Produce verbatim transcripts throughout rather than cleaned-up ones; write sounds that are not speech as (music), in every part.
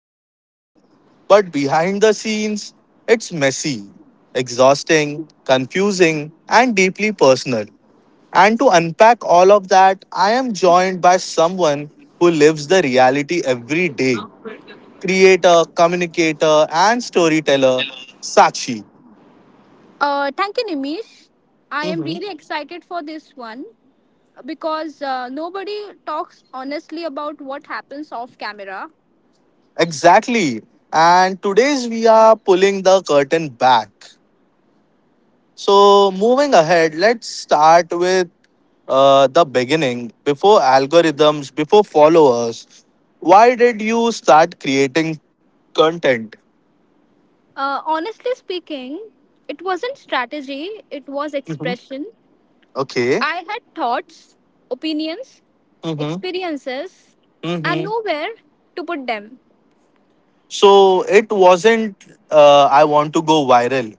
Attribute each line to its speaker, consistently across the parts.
Speaker 1: the outside, but behind the scenes it's messy, exhausting, confusing and deeply personal. And to unpack all of that, I am joined by someone who lives the reality every day creator, communicator, and storyteller, Sachi.
Speaker 2: Uh, thank you, Nimish. I am
Speaker 1: hmm
Speaker 2: really excited for this one because uh, nobody talks honestly about what happens off camera.
Speaker 1: Exactly. And today's we are pulling the curtain back. So, moving ahead, let's start with uh, the beginning. Before algorithms, before followers, why did you start creating content?
Speaker 2: Uh, honestly speaking, it wasn't strategy, it was
Speaker 1: hmm
Speaker 2: expression.
Speaker 1: Okay.
Speaker 2: I had thoughts, opinions,
Speaker 1: hmm
Speaker 2: experiences, and nowhere to put them.
Speaker 1: So it wasn't uh, I want to go viral.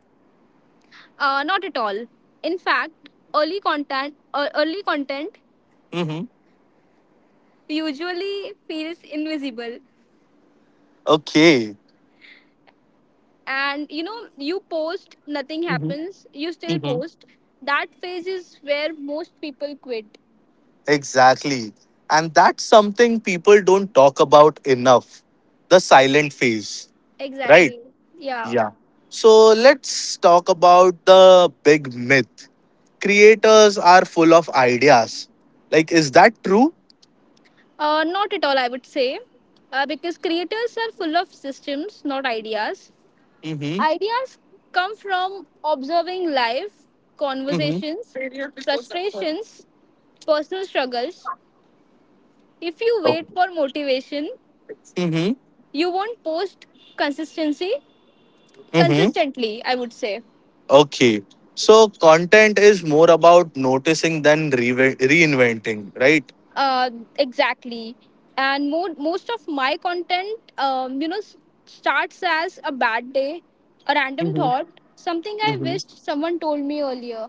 Speaker 2: Uh, not at all. In fact, early content, uh, early content
Speaker 1: Mm-hmm.
Speaker 2: usually feels invisible.
Speaker 1: Okay.
Speaker 2: And you know, you post, nothing
Speaker 1: Mm-hmm.
Speaker 2: happens, you still
Speaker 1: Mm-hmm.
Speaker 2: post. That phase is where most people quit.
Speaker 1: Exactly. And that's something people don't talk about enough the silent phase, right?
Speaker 2: Exactly. Yeah.
Speaker 1: Yeah. So let's talk about the big myth. Creators are full of ideas. Like, is that true?
Speaker 2: Uh, not at all, I would say, uh, because creators are full of systems, not ideas.
Speaker 1: Mm-hmm.
Speaker 2: Ideas come from observing life,
Speaker 1: Mm-hmm.
Speaker 2: conversations, frustrations, personal struggles. If you wait
Speaker 1: Okay.
Speaker 2: for motivation, you won't post. Consistency
Speaker 1: Mm-hmm.
Speaker 2: consistently, I would say.
Speaker 1: Okay. So content is more about noticing than re- reinventing, right?
Speaker 2: uh, exactly. And mo- most of my content, um, you know s- starts as a bad day, a random
Speaker 1: hmm
Speaker 2: thought, something I
Speaker 1: hmm
Speaker 2: wished someone told me earlier.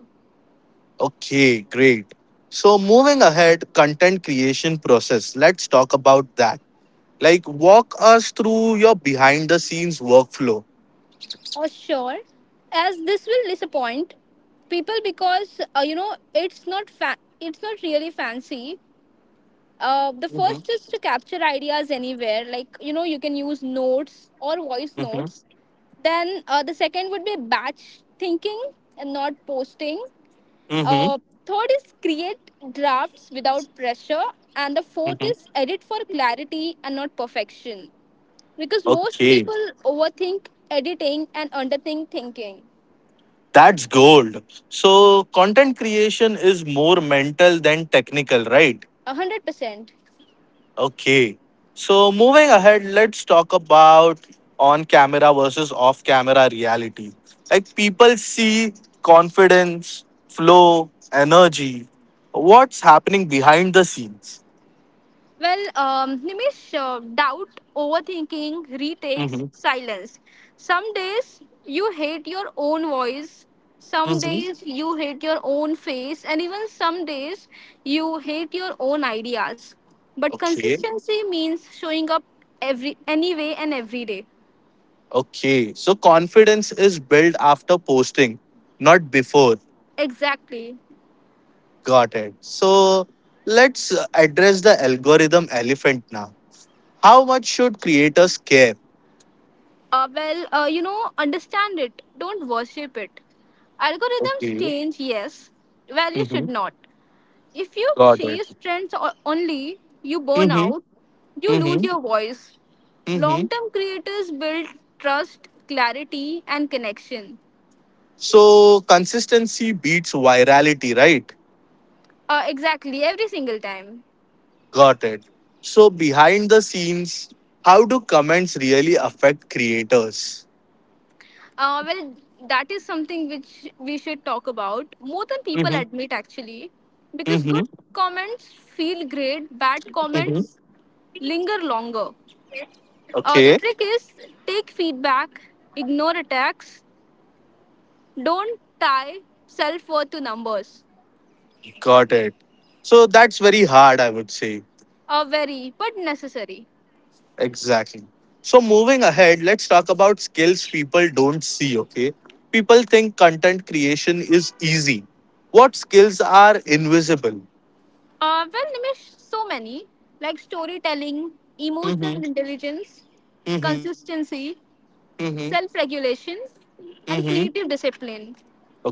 Speaker 1: Okay, great. So moving ahead, content creation process. Let's talk about that. Like walk us through your behind the scenes workflow.
Speaker 2: Or sure, as this will disappoint people, because uh, you know it's not fa- it's not really fancy. Uh, the
Speaker 1: hmm
Speaker 2: first is to capture ideas anywhere, like you know, you can use notes or voice
Speaker 1: Mhm.
Speaker 2: notes. Then uh, the second would be batch thinking and not posting.
Speaker 1: hmm
Speaker 2: Uh, third is create drafts without pressure. And the fourth is
Speaker 1: hmm
Speaker 2: edit for clarity and not perfection. Because most
Speaker 1: Okay.
Speaker 2: people overthink editing and underthink thinking.
Speaker 1: That's gold. So content creation is more mental than technical, right?
Speaker 2: one hundred percent.
Speaker 1: Okay. So moving ahead, let's talk about on camera versus off camera reality. Like people see confidence, flow, energy. What's happening behind the scenes?
Speaker 2: Well, um, Nimish, uh, doubt, overthinking, retakes,
Speaker 1: Mm-hmm.
Speaker 2: silence. Some days you hate your own voice, some
Speaker 1: Mm-hmm.
Speaker 2: days you hate your own face, and even some days you hate your own ideas. But
Speaker 1: Okay.
Speaker 2: consistency means showing up every anyway and every day.
Speaker 1: Okay. So confidence is built after posting, not before.
Speaker 2: Exactly.
Speaker 1: Got it. So let's uh, address the algorithm elephant now. How much should creators care?
Speaker 2: Uh, well, uh, you know, understand it. Don't worship it. Algorithms
Speaker 1: Okay.
Speaker 2: change, yes. Value
Speaker 1: Mm-hmm.
Speaker 2: should not. If you
Speaker 1: Got it.
Speaker 2: chase trends o- only, you burn
Speaker 1: Mm-hmm.
Speaker 2: out, you lose
Speaker 1: Mm-hmm.
Speaker 2: your voice.
Speaker 1: Mm-hmm.
Speaker 2: Long term creators build trust, clarity, and connection.
Speaker 1: So consistency beats virality, right?
Speaker 2: Uh, exactly, every single time.
Speaker 1: Got it. So behind the scenes, how do comments really affect creators?
Speaker 2: Uh, well, that is something which we should talk about more than people
Speaker 1: Mm-hmm.
Speaker 2: admit, actually, because
Speaker 1: Mm-hmm.
Speaker 2: good comments feel great, bad
Speaker 1: Mm-hmm.
Speaker 2: comments linger longer. Uh, the
Speaker 1: Okay.
Speaker 2: trick is take feedback, ignore attacks, don't tie self worth to numbers.
Speaker 1: Got it. So that's very hard, I would say.
Speaker 2: Uh, very, but necessary.
Speaker 1: Exactly. So moving ahead, let's talk about skills people don't see, okay? People think content creation is easy. What skills are invisible?
Speaker 2: Uh, well, Nimish, so many, like storytelling, emotional
Speaker 1: Mm-hmm.
Speaker 2: intelligence, consistency,
Speaker 1: Mm-hmm.
Speaker 2: self regulation, and
Speaker 1: Mm-hmm.
Speaker 2: creative discipline.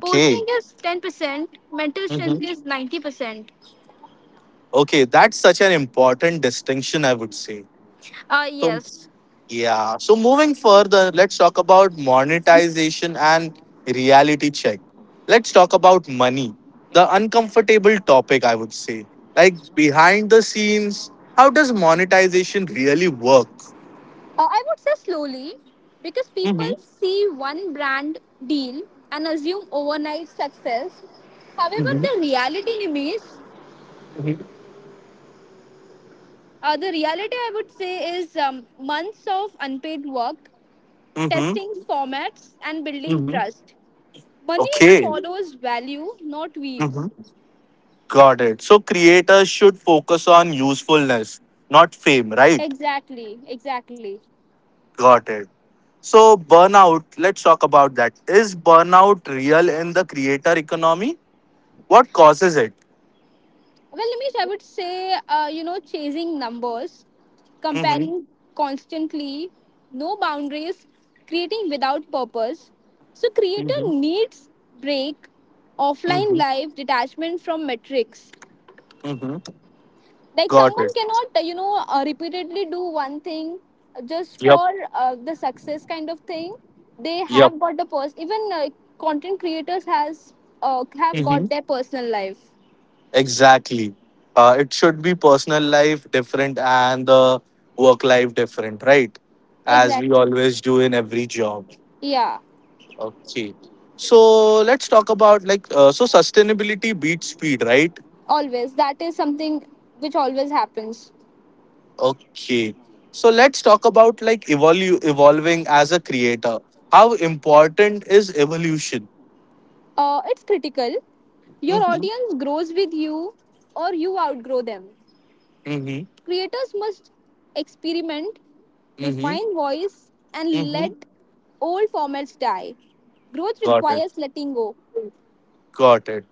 Speaker 2: Posting is ten percent, mental strength
Speaker 1: hmm
Speaker 2: is ninety percent.
Speaker 1: Okay, that's such an important distinction, I would say.
Speaker 2: Uh,
Speaker 1: So,
Speaker 2: yes.
Speaker 1: yeah. So, moving further, let's talk about monetization and reality check. Let's talk about money, the uncomfortable topic, I would say. Like, behind the scenes, how does monetization really work?
Speaker 2: Uh, I would say slowly, because people
Speaker 1: Mm-hmm.
Speaker 2: see one brand deal and assume overnight success. However, the
Speaker 1: Mm-hmm.
Speaker 2: reality, Nimish, Uh, the reality, I would say, is um, months of unpaid work,
Speaker 1: Mm-hmm.
Speaker 2: testing formats, and building trust. Money
Speaker 1: Okay.
Speaker 2: follows value, not weaves.
Speaker 1: Mm-hmm. Got it. So creators should focus on usefulness, not fame, right?
Speaker 2: Exactly, exactly.
Speaker 1: Got it. So, burnout, let's talk about that. Is burnout real in the creator economy? What causes it?
Speaker 2: Well, Nimish, I would say, uh, you know, chasing numbers,
Speaker 1: Mm-hmm.
Speaker 2: comparing constantly, no boundaries, creating without purpose. So, creator
Speaker 1: Mm-hmm.
Speaker 2: needs break, offline
Speaker 1: Mm-hmm.
Speaker 2: life, detachment from metrics.
Speaker 1: Mm-hmm.
Speaker 2: Like
Speaker 1: Got
Speaker 2: someone
Speaker 1: it.
Speaker 2: cannot uh, you know uh, repeatedly do one thing just
Speaker 1: Yep.
Speaker 2: for uh, the success kind of thing. They
Speaker 1: Yep.
Speaker 2: have got the person, even uh, content creators has uh, have got
Speaker 1: Mm-hmm.
Speaker 2: their personal life.
Speaker 1: Exactly. Uh, it should be personal life different and the work life different, right? As we
Speaker 2: Exactly.
Speaker 1: always do in every job.
Speaker 2: Yeah.
Speaker 1: Okay. So let's talk about like uh, so sustainability beats speed, right?
Speaker 2: Always, that is something which always happens.
Speaker 1: Okay. So let's talk about like evolu- evolving as a creator. How important is evolution?
Speaker 2: Uh, it's critical. Your
Speaker 1: Mm-hmm.
Speaker 2: audience grows with you or you outgrow them.
Speaker 1: Mm-hmm.
Speaker 2: Creators must experiment,
Speaker 1: Mm-hmm.
Speaker 2: refine voice, and
Speaker 1: Mm-hmm.
Speaker 2: let old formats die. Growth
Speaker 1: Got it.
Speaker 2: requires letting go.
Speaker 1: Got it.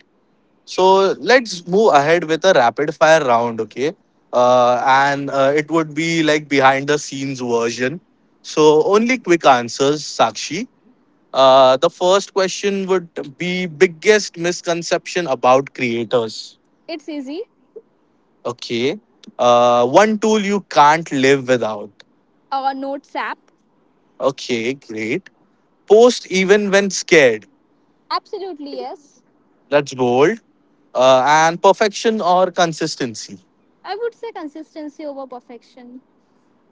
Speaker 1: So let's move ahead with a rapid fire round, okay? Uh, and uh, It would be like behind the scenes version. So only quick answers, Sakshi. Uh, the first question would be biggest misconception about creators.
Speaker 2: It's easy.
Speaker 1: Okay. Uh, one tool you can't live without.
Speaker 2: Or notes app?
Speaker 1: Okay, great. Post even when scared.
Speaker 2: Absolutely, yes.
Speaker 1: That's bold. Uh, and perfection or consistency.
Speaker 2: I would say consistency over perfection.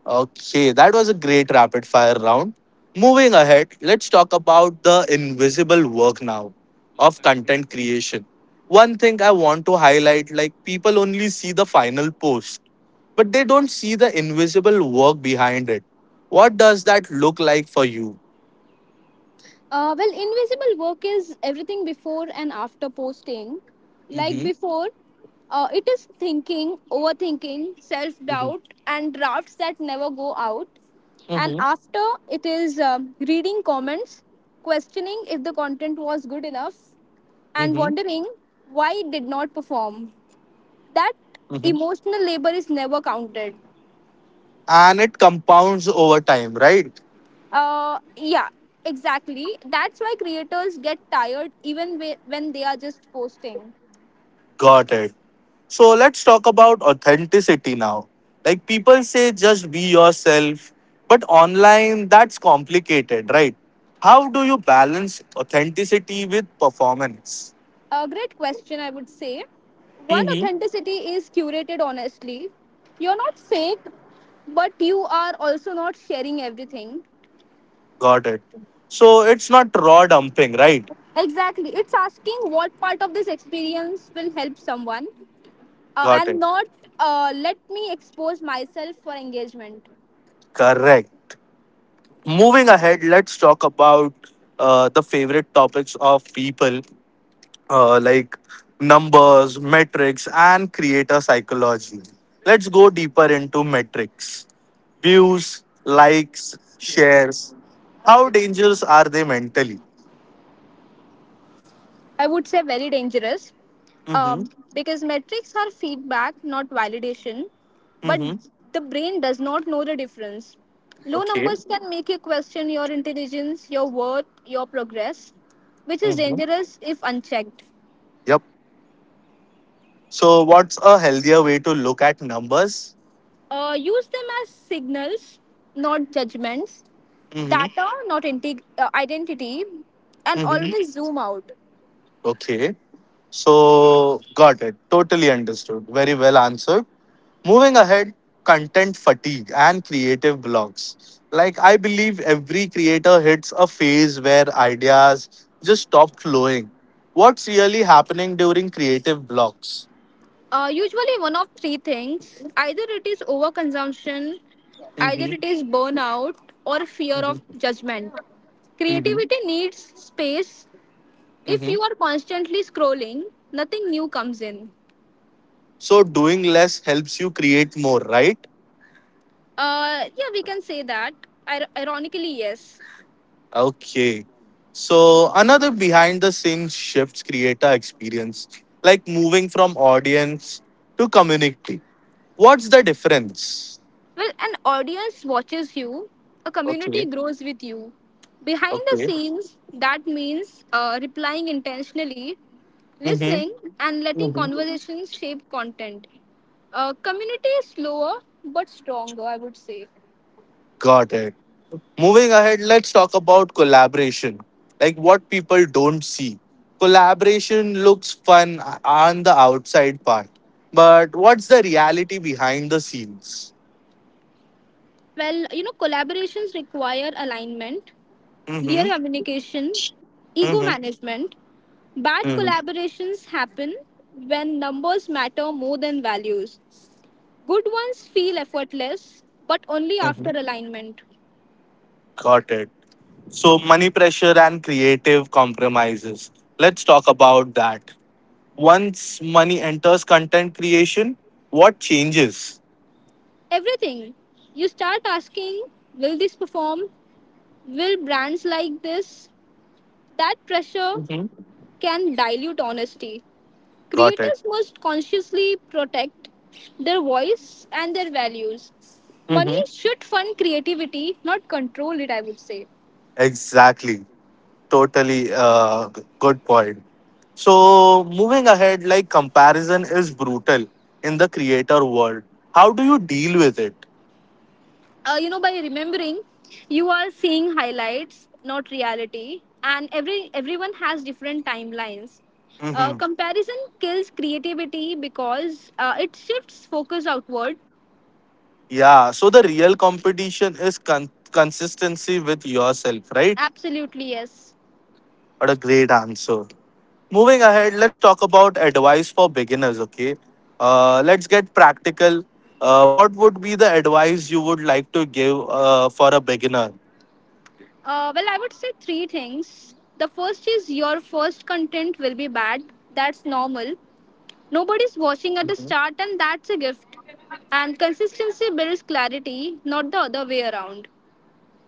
Speaker 1: Okay, that was a great rapid fire round. Moving ahead, let's talk about the invisible work now of content creation. One thing I want to highlight like, people only see the final post, but they don't see the invisible work behind it. What does that look like for you?
Speaker 2: Uh, well, invisible work is everything before and after posting. Like
Speaker 1: Mhm.
Speaker 2: before, uh, it is thinking, overthinking, self
Speaker 1: Mm-hmm.
Speaker 2: doubt, and drafts that never go out. And
Speaker 1: Mm-hmm.
Speaker 2: after, it is um reading comments, questioning if the content was good enough, and
Speaker 1: Mm-hmm.
Speaker 2: wondering why it did not perform. That
Speaker 1: Mm-hmm.
Speaker 2: emotional labor is never counted.
Speaker 1: And it compounds over time, right?
Speaker 2: Uh, yeah, exactly. That's why creators get tired even whe- when they are just posting.
Speaker 1: Got it. So let's talk about authenticity now. Like people say, just be yourself, but online, that's complicated, right? How do you balance authenticity with performance?
Speaker 2: A great question, I would say. One,
Speaker 1: Mm-hmm.
Speaker 2: authenticity is curated honestly. You're not fake, but you are also not sharing everything.
Speaker 1: Got it. So it's not raw dumping, right?
Speaker 2: Exactly. It's asking what part of this experience will help someone, uh,
Speaker 1: Got
Speaker 2: and
Speaker 1: it.
Speaker 2: not uh, let me expose myself for engagement.
Speaker 1: Correct. Moving ahead, let's talk about uh, the favorite topics of people uh, like numbers, metrics, and creator psychology. Let's go deeper into metrics views, likes, shares. How dangerous are they mentally?
Speaker 2: I would say very dangerous,
Speaker 1: Mm-hmm.
Speaker 2: um, because metrics are feedback, not validation. But
Speaker 1: Mm-hmm.
Speaker 2: the brain does not know the difference. Low
Speaker 1: Okay.
Speaker 2: numbers can make you question your intelligence, your worth, your progress, which is
Speaker 1: Mm-hmm.
Speaker 2: dangerous if unchecked.
Speaker 1: Yep. So, what's a healthier way to look at numbers?
Speaker 2: Uh, use them as signals, not judgments,
Speaker 1: Mm-hmm.
Speaker 2: data, not integ- uh, identity, and
Speaker 1: Mm-hmm.
Speaker 2: always zoom out.
Speaker 1: Okay. So, got it. Totally understood. Very well answered. Moving ahead, content fatigue and creative blocks. Like, I believe every creator hits a phase where ideas just stop flowing. What's really happening during creative blocks?
Speaker 2: Uh, usually one of three things. Either it is overconsumption, either
Speaker 1: hmm
Speaker 2: it is burnout, or fear of
Speaker 1: hmm
Speaker 2: judgment.
Speaker 1: hmm
Speaker 2: Creativity needs space. If
Speaker 1: hmm
Speaker 2: you are constantly scrolling, nothing new comes in.
Speaker 1: So, doing less helps you create more, right?
Speaker 2: Uh, yeah, we can say that. Ir- ironically, yes.
Speaker 1: Okay. So, another behind the scenes shifts creator experience, like moving from audience to community. What's the difference?
Speaker 2: Well, an audience watches you, a community
Speaker 1: Okay.
Speaker 2: grows with you. Behind the
Speaker 1: Okay.
Speaker 2: scenes, that means uh, replying intentionally, listening, and letting
Speaker 1: Mhm.
Speaker 2: conversations shape content. Uh, community is slower but stronger, I would say.
Speaker 1: Got it. Moving ahead, let's talk about collaboration. Like what people don't see. Collaboration looks fun on the outside part, but what's the reality behind the scenes?
Speaker 2: Well, you know, collaborations require alignment,
Speaker 1: Mm-hmm.
Speaker 2: clear communication, ego
Speaker 1: Mm-hmm.
Speaker 2: management. Bad
Speaker 1: Mm-hmm.
Speaker 2: collaborations happen when numbers matter more than values. Good ones feel effortless, but only
Speaker 1: Mm-hmm.
Speaker 2: after alignment.
Speaker 1: Got it. So money pressure and creative compromises. Let's talk about that. Once money enters content creation, what changes?
Speaker 2: Everything. You start asking, will this perform? Will brands like this? That pressure
Speaker 1: Mhm.
Speaker 2: can dilute honesty.
Speaker 1: Got it.
Speaker 2: Creators must consciously protect their voice and their values. Money
Speaker 1: Mhm.
Speaker 2: should fund creativity, not control it, I would say.
Speaker 1: Exactly. Totally uh, g- good point. So, moving ahead, like comparison is brutal in the creator world. How do you deal with it?
Speaker 2: Uh, you know, by remembering, you are seeing highlights, not reality, and every everyone has different timelines. Uh,
Speaker 1: hmm
Speaker 2: comparison kills creativity, because uh, it shifts focus outward.
Speaker 1: Yeah, so the real competition is con- consistency with yourself, right?
Speaker 2: Absolutely, yes.
Speaker 1: What a great answer. Moving ahead, let's talk about advice for beginners, okay? Uh, let's get practical. Uh, what would be the advice you would like to give uh, for a beginner?
Speaker 2: Uh, well, I would say three things. The first is, your first content will be bad. That's normal. Nobody's watching at the start, and that's a gift. And consistency builds clarity, not the other way around.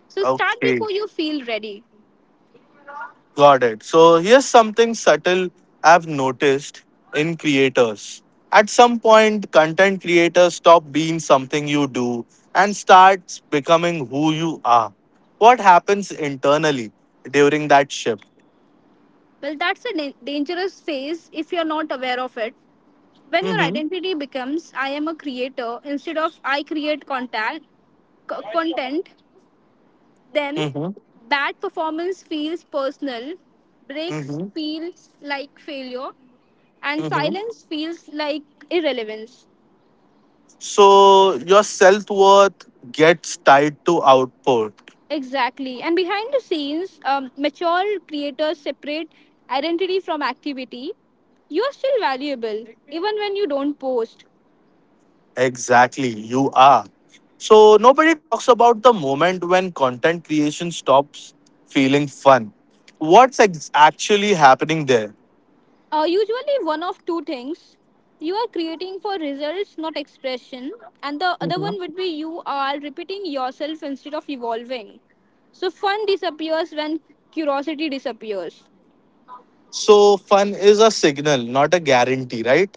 Speaker 2: So start
Speaker 1: Okay.
Speaker 2: before you feel ready.
Speaker 1: Got it. So here's something subtle I've noticed in creators. At some point, content creators stop being something you do and starts becoming who you are. What happens internally during that shift?
Speaker 2: Well, that's a da- dangerous phase if you're not aware of it. When your
Speaker 1: Mm-hmm.
Speaker 2: identity becomes I am a creator instead of I create contact, co- content, then
Speaker 1: Mm-hmm.
Speaker 2: bad performance feels personal, breaks
Speaker 1: Mm-hmm.
Speaker 2: feels like failure, and
Speaker 1: Mm-hmm.
Speaker 2: silence feels like irrelevance.
Speaker 1: So your self worth gets tied to output.
Speaker 2: Exactly. And behind the scenes, um, mature creators separate identity from activity. You're still valuable, even when you don't post.
Speaker 1: Exactly, you are. So nobody talks about the moment when content creation stops feeling fun. What's ex- actually happening there?
Speaker 2: Uh, usually, one of two things. You are creating for results, not expression. And the other
Speaker 1: Mhm.
Speaker 2: one would be, you are repeating yourself instead of evolving. So, fun disappears when curiosity disappears.
Speaker 1: So fun is a signal, not a guarantee, right?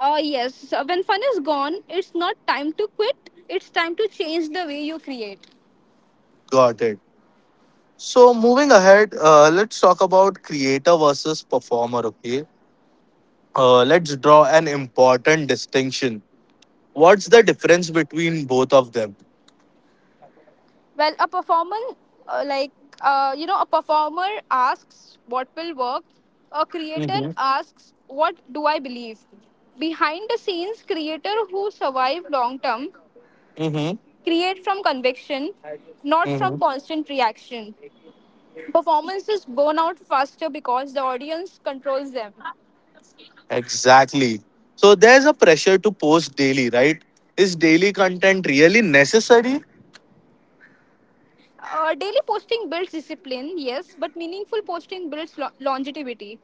Speaker 2: Uh, yes, so when fun is gone, it's not time to quit, it's time to change the way you create.
Speaker 1: Got it. So moving ahead, uh, let's talk about creator versus performer. Okay, uh, let's draw an important distinction. What's the difference between both of them?
Speaker 2: Well, a performance uh, like uh, you know, a performer asks what will work. A creator
Speaker 1: Mm-hmm.
Speaker 2: asks what do I believe. Behind the scenes, creator who survive long term create from conviction, not
Speaker 1: Mm-hmm.
Speaker 2: from constant reaction. Performances burn out faster because the audience controls them.
Speaker 1: Exactly. So there's a pressure to post daily, right? Is daily content really necessary?
Speaker 2: Uh, daily posting builds discipline, yes, but meaningful posting builds lo- longevity.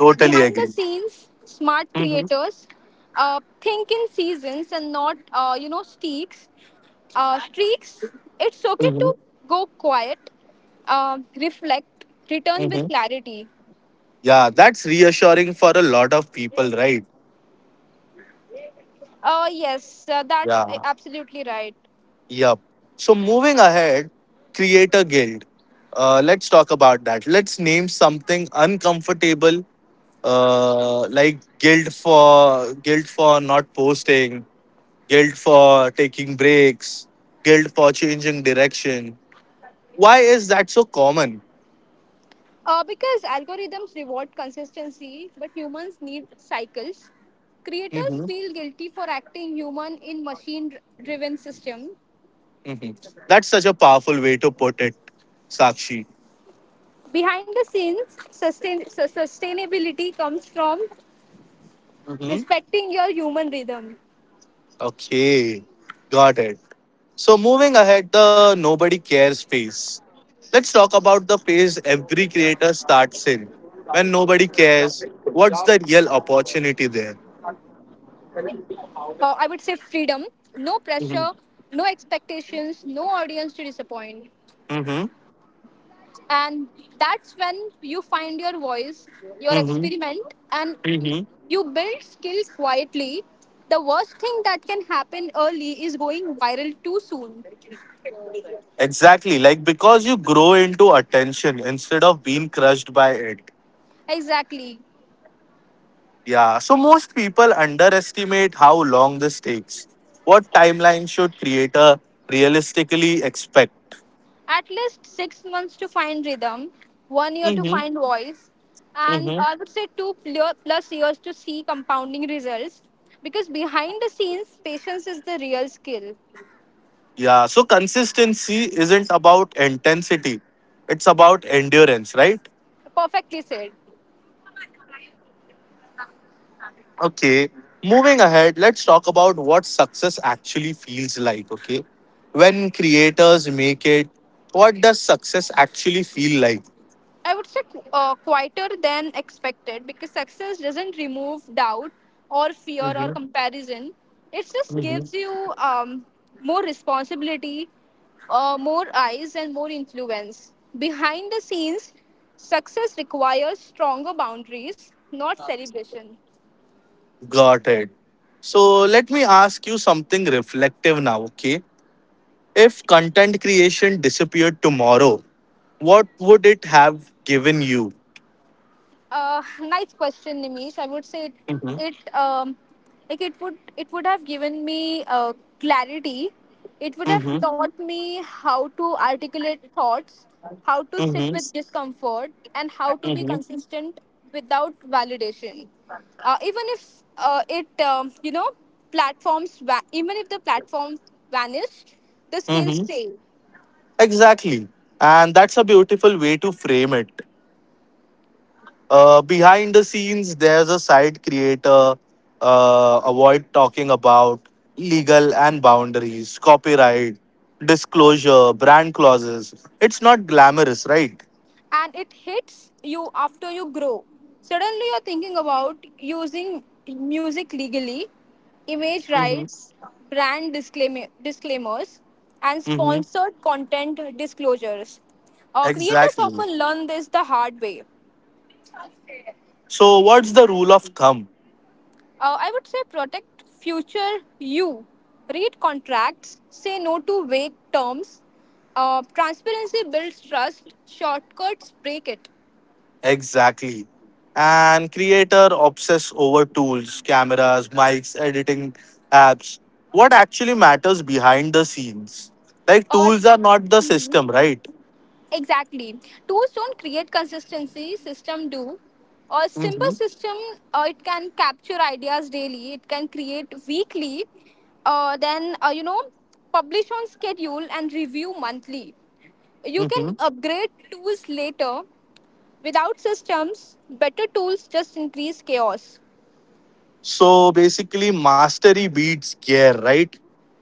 Speaker 1: Totally
Speaker 2: Behind the
Speaker 1: agree.
Speaker 2: scenes, smart
Speaker 1: hmm
Speaker 2: creators uh, think in seasons and not uh, you know streaks uh, streaks. It's okay
Speaker 1: hmm
Speaker 2: to go quiet, uh, reflect, return with
Speaker 1: hmm
Speaker 2: clarity.
Speaker 1: Yeah, that's reassuring for a lot of people, right?
Speaker 2: Uh, yes uh, that's uh,
Speaker 1: Yeah.
Speaker 2: Absolutely right.
Speaker 1: Yep. So moving ahead, creator guild. Uh, let's talk about that. Let's name something uncomfortable, uh, like guilt for guilt for not posting, guilt for taking breaks, guilt for changing direction. Why is that so common?
Speaker 2: uh, because algorithms reward consistency, but humans need cycles. Creators
Speaker 1: hmm
Speaker 2: feel guilty for acting human in machine driven system.
Speaker 1: hmm That's such a powerful way to put it, Sakshi.
Speaker 2: Behind the scenes, sustain, su- sustainability comes from
Speaker 1: hmm
Speaker 2: respecting your human rhythm.
Speaker 1: Okay, got it. So, moving ahead, the nobody cares phase. Let's talk about the phase every creator starts in. When nobody cares, what's the real
Speaker 2: Uh,
Speaker 1: opportunity there?
Speaker 2: I would say freedom, no pressure,
Speaker 1: Mm-hmm.
Speaker 2: no expectations, no audience to disappoint.
Speaker 1: hmm
Speaker 2: And that's when you find your voice, your
Speaker 1: hmm
Speaker 2: experiment, and
Speaker 1: hmm
Speaker 2: you build skill quietly. The worst thing that can happen early is going viral too soon.
Speaker 1: Exactly. Like because you grow into attention instead of being crushed by it.
Speaker 2: Exactly.
Speaker 1: Yeah, so most people underestimate how long this takes. What timeline should creator realistically expect?
Speaker 2: At least six months to find rhythm, one year to
Speaker 1: Mm-hmm.
Speaker 2: find voice, and
Speaker 1: Mm-hmm.
Speaker 2: I would say two pl- plus years to see compounding results. Because behind the scenes, patience is the real skill.
Speaker 1: Yeah, so consistency isn't about intensity, it's about endurance, right?
Speaker 2: Perfectly said.
Speaker 1: Okay, moving ahead, let's talk about what success actually feels like, okay? When creators make it, what does success actually feel like?
Speaker 2: I would say qu- uh, quieter than expected, because success doesn't remove doubt or fear or
Speaker 1: Mm-hmm.
Speaker 2: comparison. It just gives you um, more responsibility, uh, more eyes, and more influence. Behind the scenes, success requires stronger boundaries, not celebration.
Speaker 1: Got it. So let me ask you something reflective now, okay? If content creation disappeared tomorrow, what would it have given you?
Speaker 2: Uh, nice question, Nimish. I would say it,
Speaker 1: Mm-hmm.
Speaker 2: it um, like it would it would have given me uh, clarity. It would have
Speaker 1: Mm-hmm.
Speaker 2: Mhm. taught me how to articulate thoughts, how to sit
Speaker 1: Mm-hmm.
Speaker 2: with discomfort, and how to be Mhm.
Speaker 1: Mm-hmm.
Speaker 2: consistent without validation. Uh, even if uh, it um, you know platforms va- even if the platform vanished, the skills
Speaker 1: Mm-hmm.
Speaker 2: stay.
Speaker 1: Exactly. And that's a beautiful way to frame it. Uh, behind the scenes, there's a side creator, uh, avoid talking about legal and boundaries, copyright, disclosure, brand clauses. It's not glamorous, right?
Speaker 2: And it hits you after you grow. Suddenly, you're thinking about using music legally, image rights, brand disclaimer, disclaimers, and
Speaker 1: hmm
Speaker 2: sponsored content disclosures. Uh, creators
Speaker 1: Exactly.
Speaker 2: often learn this the hard way.
Speaker 1: So, what's the rule of thumb?
Speaker 2: Uh, I would say protect future you. Read contracts, say no to vague terms. Uh, transparency builds trust, shortcuts break it.
Speaker 1: Exactly. And creator obsess over tools, cameras, mics, editing apps. What actually matters behind the scenes? Like,
Speaker 2: Uh,
Speaker 1: tools are not the system, right?
Speaker 2: Exactly. Tools don't create consistency, system do. Or simple
Speaker 1: Mm-hmm.
Speaker 2: system, uh, it can capture ideas daily, it can create weekly, uh, then, uh, you know, publish on schedule and review monthly. You can
Speaker 1: Mm-hmm.
Speaker 2: upgrade tools later. Without systems, better tools just increase chaos
Speaker 1: So, basically, mastery beats gear, right?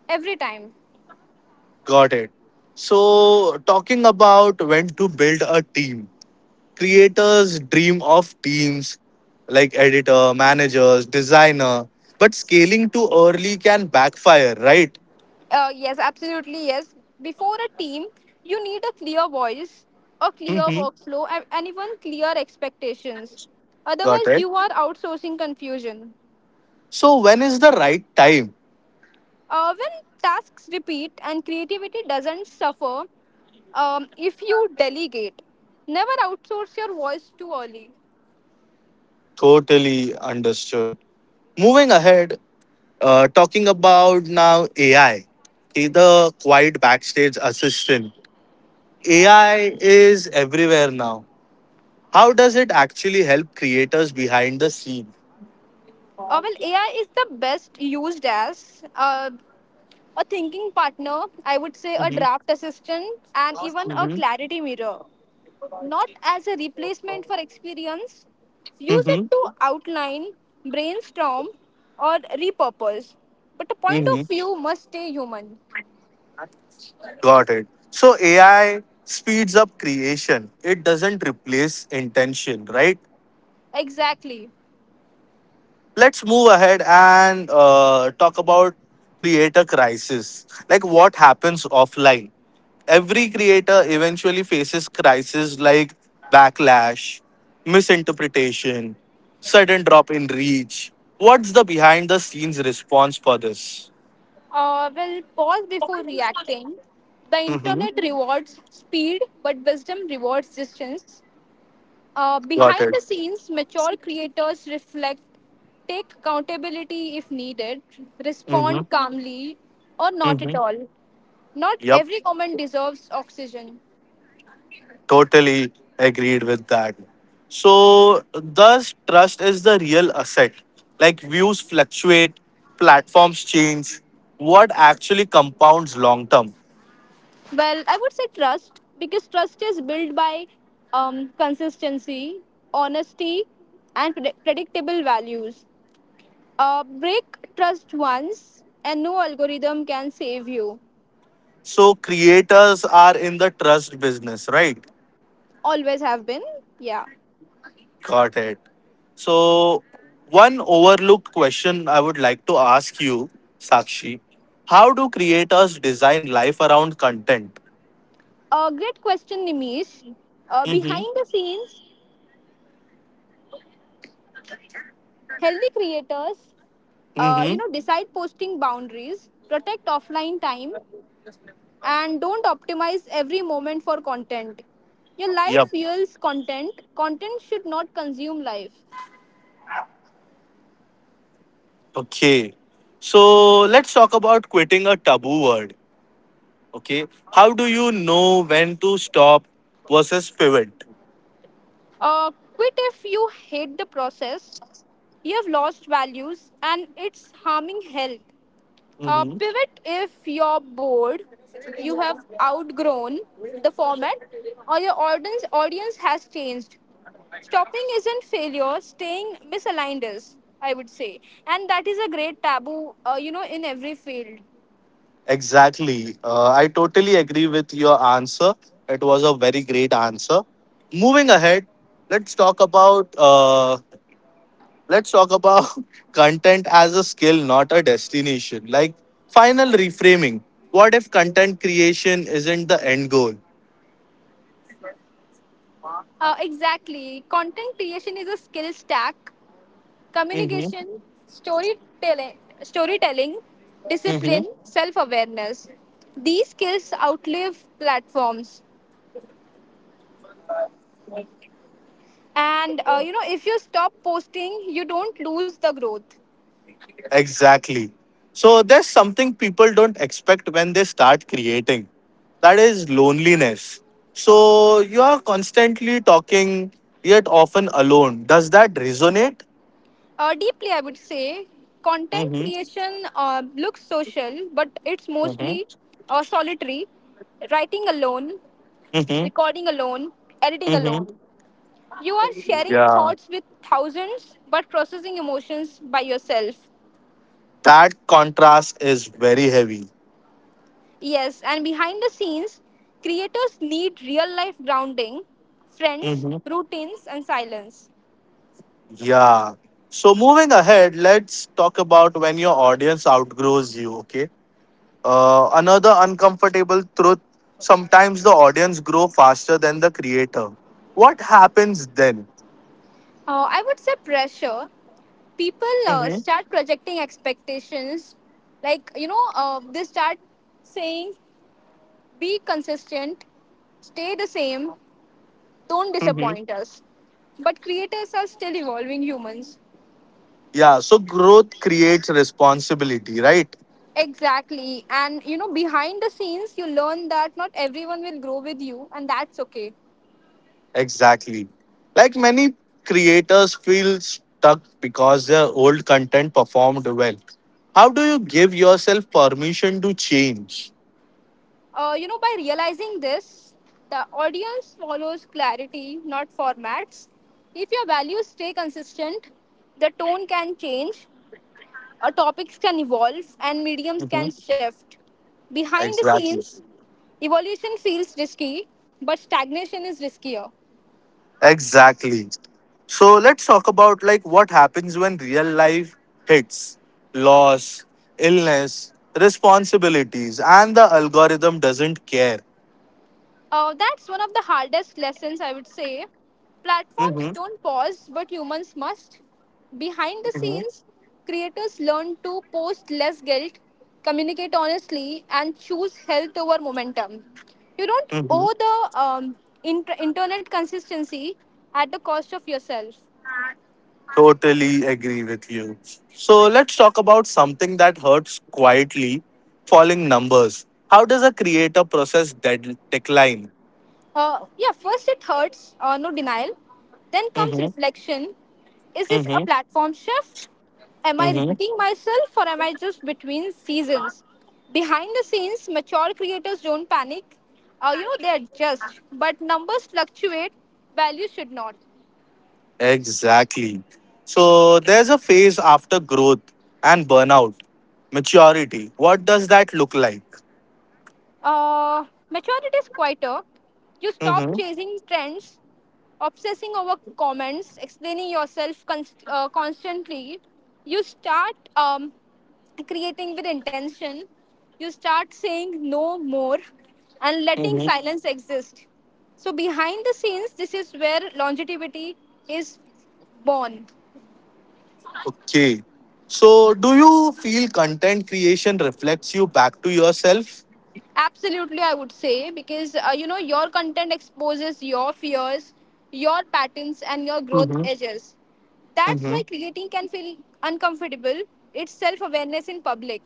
Speaker 2: every time.
Speaker 1: Got it. So, talking about when to build a team. Creators dream of teams like editor, managers, designer, but scaling too early can backfire, right?
Speaker 2: Uh, yes, absolutely. Yes. Before a team, you need a clear voice, a clear
Speaker 1: hmm
Speaker 2: workflow, and and even clear expectations.
Speaker 1: Got
Speaker 2: Otherwise,
Speaker 1: it.
Speaker 2: you are outsourcing confusion.
Speaker 1: So, when is the right time?
Speaker 2: Uh, when tasks repeat and creativity doesn't suffer, um, if you delegate, never outsource your voice too early.
Speaker 1: Totally understood. Moving ahead, uh, talking about now A I, okay, the quiet backstage assistant. A I is everywhere now. How does it actually help creators behind the scene?
Speaker 2: Uh, well, A I is the best used as uh, a thinking partner, I would say, a
Speaker 1: Mm-hmm.
Speaker 2: draft assistant, and even a
Speaker 1: Mm-hmm.
Speaker 2: clarity mirror. Not as a replacement for experience. Use it
Speaker 1: Mm-hmm.
Speaker 2: to outline, brainstorm, or repurpose. But the point of
Speaker 1: Mm-hmm.
Speaker 2: view must stay human.
Speaker 1: Got it. So A I speeds up creation. It doesn't replace intention, right?
Speaker 2: Exactly.
Speaker 1: Let's move ahead and uh, talk about creator crisis. Like what happens offline. Every creator eventually faces crises like backlash, misinterpretation, sudden drop in reach. What's the behind the scenes response for this?
Speaker 2: Uh, well, pause before reacting. The
Speaker 1: Mm-hmm.
Speaker 2: internet rewards speed, but wisdom rewards distance. Uh,
Speaker 1: Got
Speaker 2: behind the
Speaker 1: it.
Speaker 2: scenes, mature creators reflect, take accountability if needed,
Speaker 1: Mm-hmm.
Speaker 2: respond calmly, or not at
Speaker 1: Mm-hmm.
Speaker 2: all. Not
Speaker 1: Yep.
Speaker 2: every comment deserves oxygen.
Speaker 1: Totally agreed with that. So, thus, trust is the real asset. Like views fluctuate, platforms change. What actually compounds long term?
Speaker 2: Well, I would say trust because trust is built by um, consistency, honesty, and predict- predictable values. Uh, break trust once, and no algorithm can save you.
Speaker 1: So, creators are in the trust business, right?
Speaker 2: Always have been. Yeah.
Speaker 1: Got it. So, one overlooked question I would like to ask you, Sakshi. How do creators design life around content?
Speaker 2: A great question, Nimish. Uh,
Speaker 1: Mm hmm.
Speaker 2: behind the scenes, healthy creators,
Speaker 1: Mm
Speaker 2: uh, you
Speaker 1: hmm.
Speaker 2: know, decide posting boundaries, protect offline time, and don't optimize every moment for content. Your life
Speaker 1: Yep.
Speaker 2: fuels content. Content should not consume life.
Speaker 1: Okay. So let's talk about quitting a taboo word. Okay. How do you know when to stop versus pivot?
Speaker 2: Uh, quit if you hate the process. You have lost values and it's harming health. Uh,
Speaker 1: hmm
Speaker 2: pivot if you're bored. You have outgrown the format or your audience audience has changed. Stopping isn't failure. Staying misaligned is, I would say, and that is a great taboo. Uh, you know, in every field.
Speaker 1: Exactly. Uh, I totally agree with your answer. It was a very great answer. Moving ahead, let's talk about uh, let's talk about (laughs) content as a skill, not a destination. Like final reframing. What if content creation isn't the end goal?
Speaker 2: Uh, exactly. Content creation is a skill stack.
Speaker 1: hmm
Speaker 2: Communication, storytelling, storytelling discipline, self awareness. These skills outlive platforms. And uh, you know, if you stop posting, you don't lose the growth.
Speaker 1: Exactly. So there's something people don't expect when they start creating. That is loneliness. So you are constantly talking, yet often alone. Does that resonate?
Speaker 2: Uh, deeply, I would say content
Speaker 1: Mm-hmm.
Speaker 2: creation uh, looks social, but it's mostly
Speaker 1: Mm-hmm.
Speaker 2: uh, solitary. Writing alone,
Speaker 1: Mm-hmm.
Speaker 2: recording alone, editing
Speaker 1: Mm-hmm.
Speaker 2: alone. You are sharing
Speaker 1: Yeah.
Speaker 2: thoughts with thousands, but processing emotions by yourself.
Speaker 1: That contrast is very heavy.
Speaker 2: Yes, and behind the scenes, creators need real life grounding, friends,
Speaker 1: Mm-hmm.
Speaker 2: routines, and silence.
Speaker 1: Yeah. So moving ahead, let's talk about when your audience outgrows you, okay? Uh, another uncomfortable truth sometimes the audience grow faster than the creator. What happens then?
Speaker 2: Uh, I would say pressure. People uh,
Speaker 1: hmm
Speaker 2: start projecting expectations. Like, you know, uh, they start saying, be consistent, stay the same, don't
Speaker 1: hmm
Speaker 2: disappoint us. But creators are still evolving humans.
Speaker 1: Yeah, so growth creates responsibility, right?
Speaker 2: Exactly. And you know, behind the scenes, you learn that not everyone will grow with you, and that's okay.
Speaker 1: Exactly. Like many creators feel stuck because their old content performed well. How do you give yourself permission to change?
Speaker 2: Uh, you know, by realizing this, the audience follows clarity, not formats. If your values stay consistent, the tone can change, uh, topics can evolve, and mediums can
Speaker 1: Mhm.
Speaker 2: shift. Behind the
Speaker 1: Exactly.
Speaker 2: scenes, evolution feels risky, but stagnation is riskier.
Speaker 1: Exactly. So let's talk about like what happens when real life hits loss, illness, responsibilities, and the algorithm doesn't care.
Speaker 2: Uh, that's one of the hardest lessons, I would say. Platforms
Speaker 1: hmm
Speaker 2: don't pause, but humans must. Behind the
Speaker 1: hmm
Speaker 2: scenes, creators learn to post less guilt, communicate honestly, and choose health over momentum. You don't
Speaker 1: hmm
Speaker 2: owe the um, inter- internet consistency at the cost of yourself.
Speaker 1: Totally agree with you. So let's talk about something that hurts quietly falling numbers. How does a creator process dead decline?
Speaker 2: Uh, yeah, first it hurts, uh, no denial. Then comes
Speaker 1: hmm
Speaker 2: reflection. Is this a
Speaker 1: hmm
Speaker 2: platform shift? Am I
Speaker 1: hmm
Speaker 2: repeating myself or am I just between seasons? Behind the scenes, mature creators don't panic. Uh, you know, they adjust, but numbers fluctuate, value should not.
Speaker 1: Exactly. So there's a phase after growth and burnout, maturity. What does that look like?
Speaker 2: Uh, Maturity is quieter. You stop
Speaker 1: Mm-hmm.
Speaker 2: chasing trends, obsessing over comments, explaining yourself const- uh, constantly. You start um, creating with intention. You start saying no more and letting
Speaker 1: Mm-hmm.
Speaker 2: silence exist. So, behind the scenes, this is where longevity is born.
Speaker 1: Okay. So do you feel content creation reflects you back to yourself?
Speaker 2: Absolutely, I would say because uh, you know your content exposes your fears, your patterns, and your growth
Speaker 1: Mm-hmm.
Speaker 2: edges. That's
Speaker 1: Mm-hmm.
Speaker 2: why creating can feel uncomfortable. It's self awareness in public.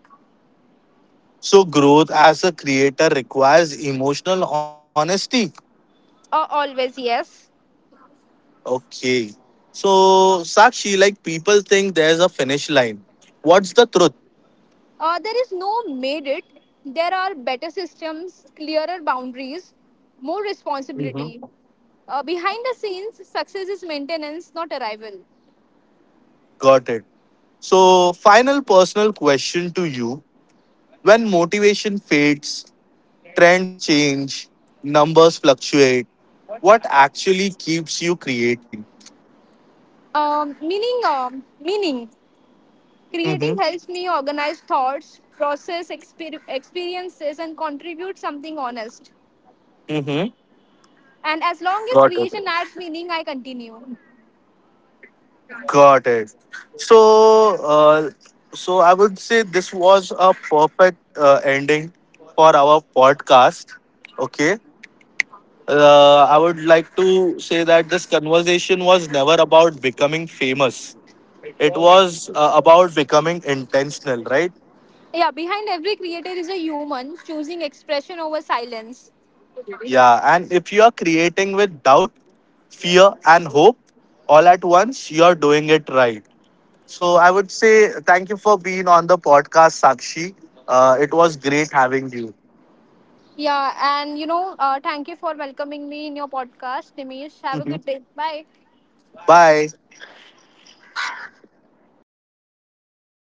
Speaker 1: So growth as a creator requires emotional honesty.
Speaker 2: Uh, always, yes.
Speaker 1: Okay. So Sakshi, like people think there's a finish line. What's the truth?
Speaker 2: Uh, there is no made it. There are better systems, clearer boundaries, more
Speaker 1: Mm-hmm.
Speaker 2: responsibility. Uh, behind the scenes, success is maintenance, not arrival.
Speaker 1: Got it. So, final personal question to you. When motivation fades, trends change, numbers fluctuate, what actually keeps you creating?
Speaker 2: Um, meaning, um, meaning. Creating
Speaker 1: Mm-hmm.
Speaker 2: helps me organize thoughts, process exper- experiences, and contribute something honest.
Speaker 1: Mm-hmm.
Speaker 2: And as long as
Speaker 1: Got
Speaker 2: creation
Speaker 1: it.
Speaker 2: adds meaning, I continue.
Speaker 1: Got it. So, uh, so I would say this was a perfect uh, ending for our podcast. Okay. Uh, I would like to say that this conversation was never about becoming famous. It was uh, about becoming intentional, right?
Speaker 2: Yeah, behind every creator is a human choosing expression over silence.
Speaker 1: Yeah. And if you are creating with doubt, fear, and hope all at once, you're doing it right. So I would say thank you for being on the podcast, Sakshi. Uh, it was great having you.
Speaker 2: Yeah, and you know, uh, thank you for welcoming me in your podcast, Dimesh. Have a
Speaker 1: Mhm.
Speaker 2: good day. Bye.
Speaker 1: Bye.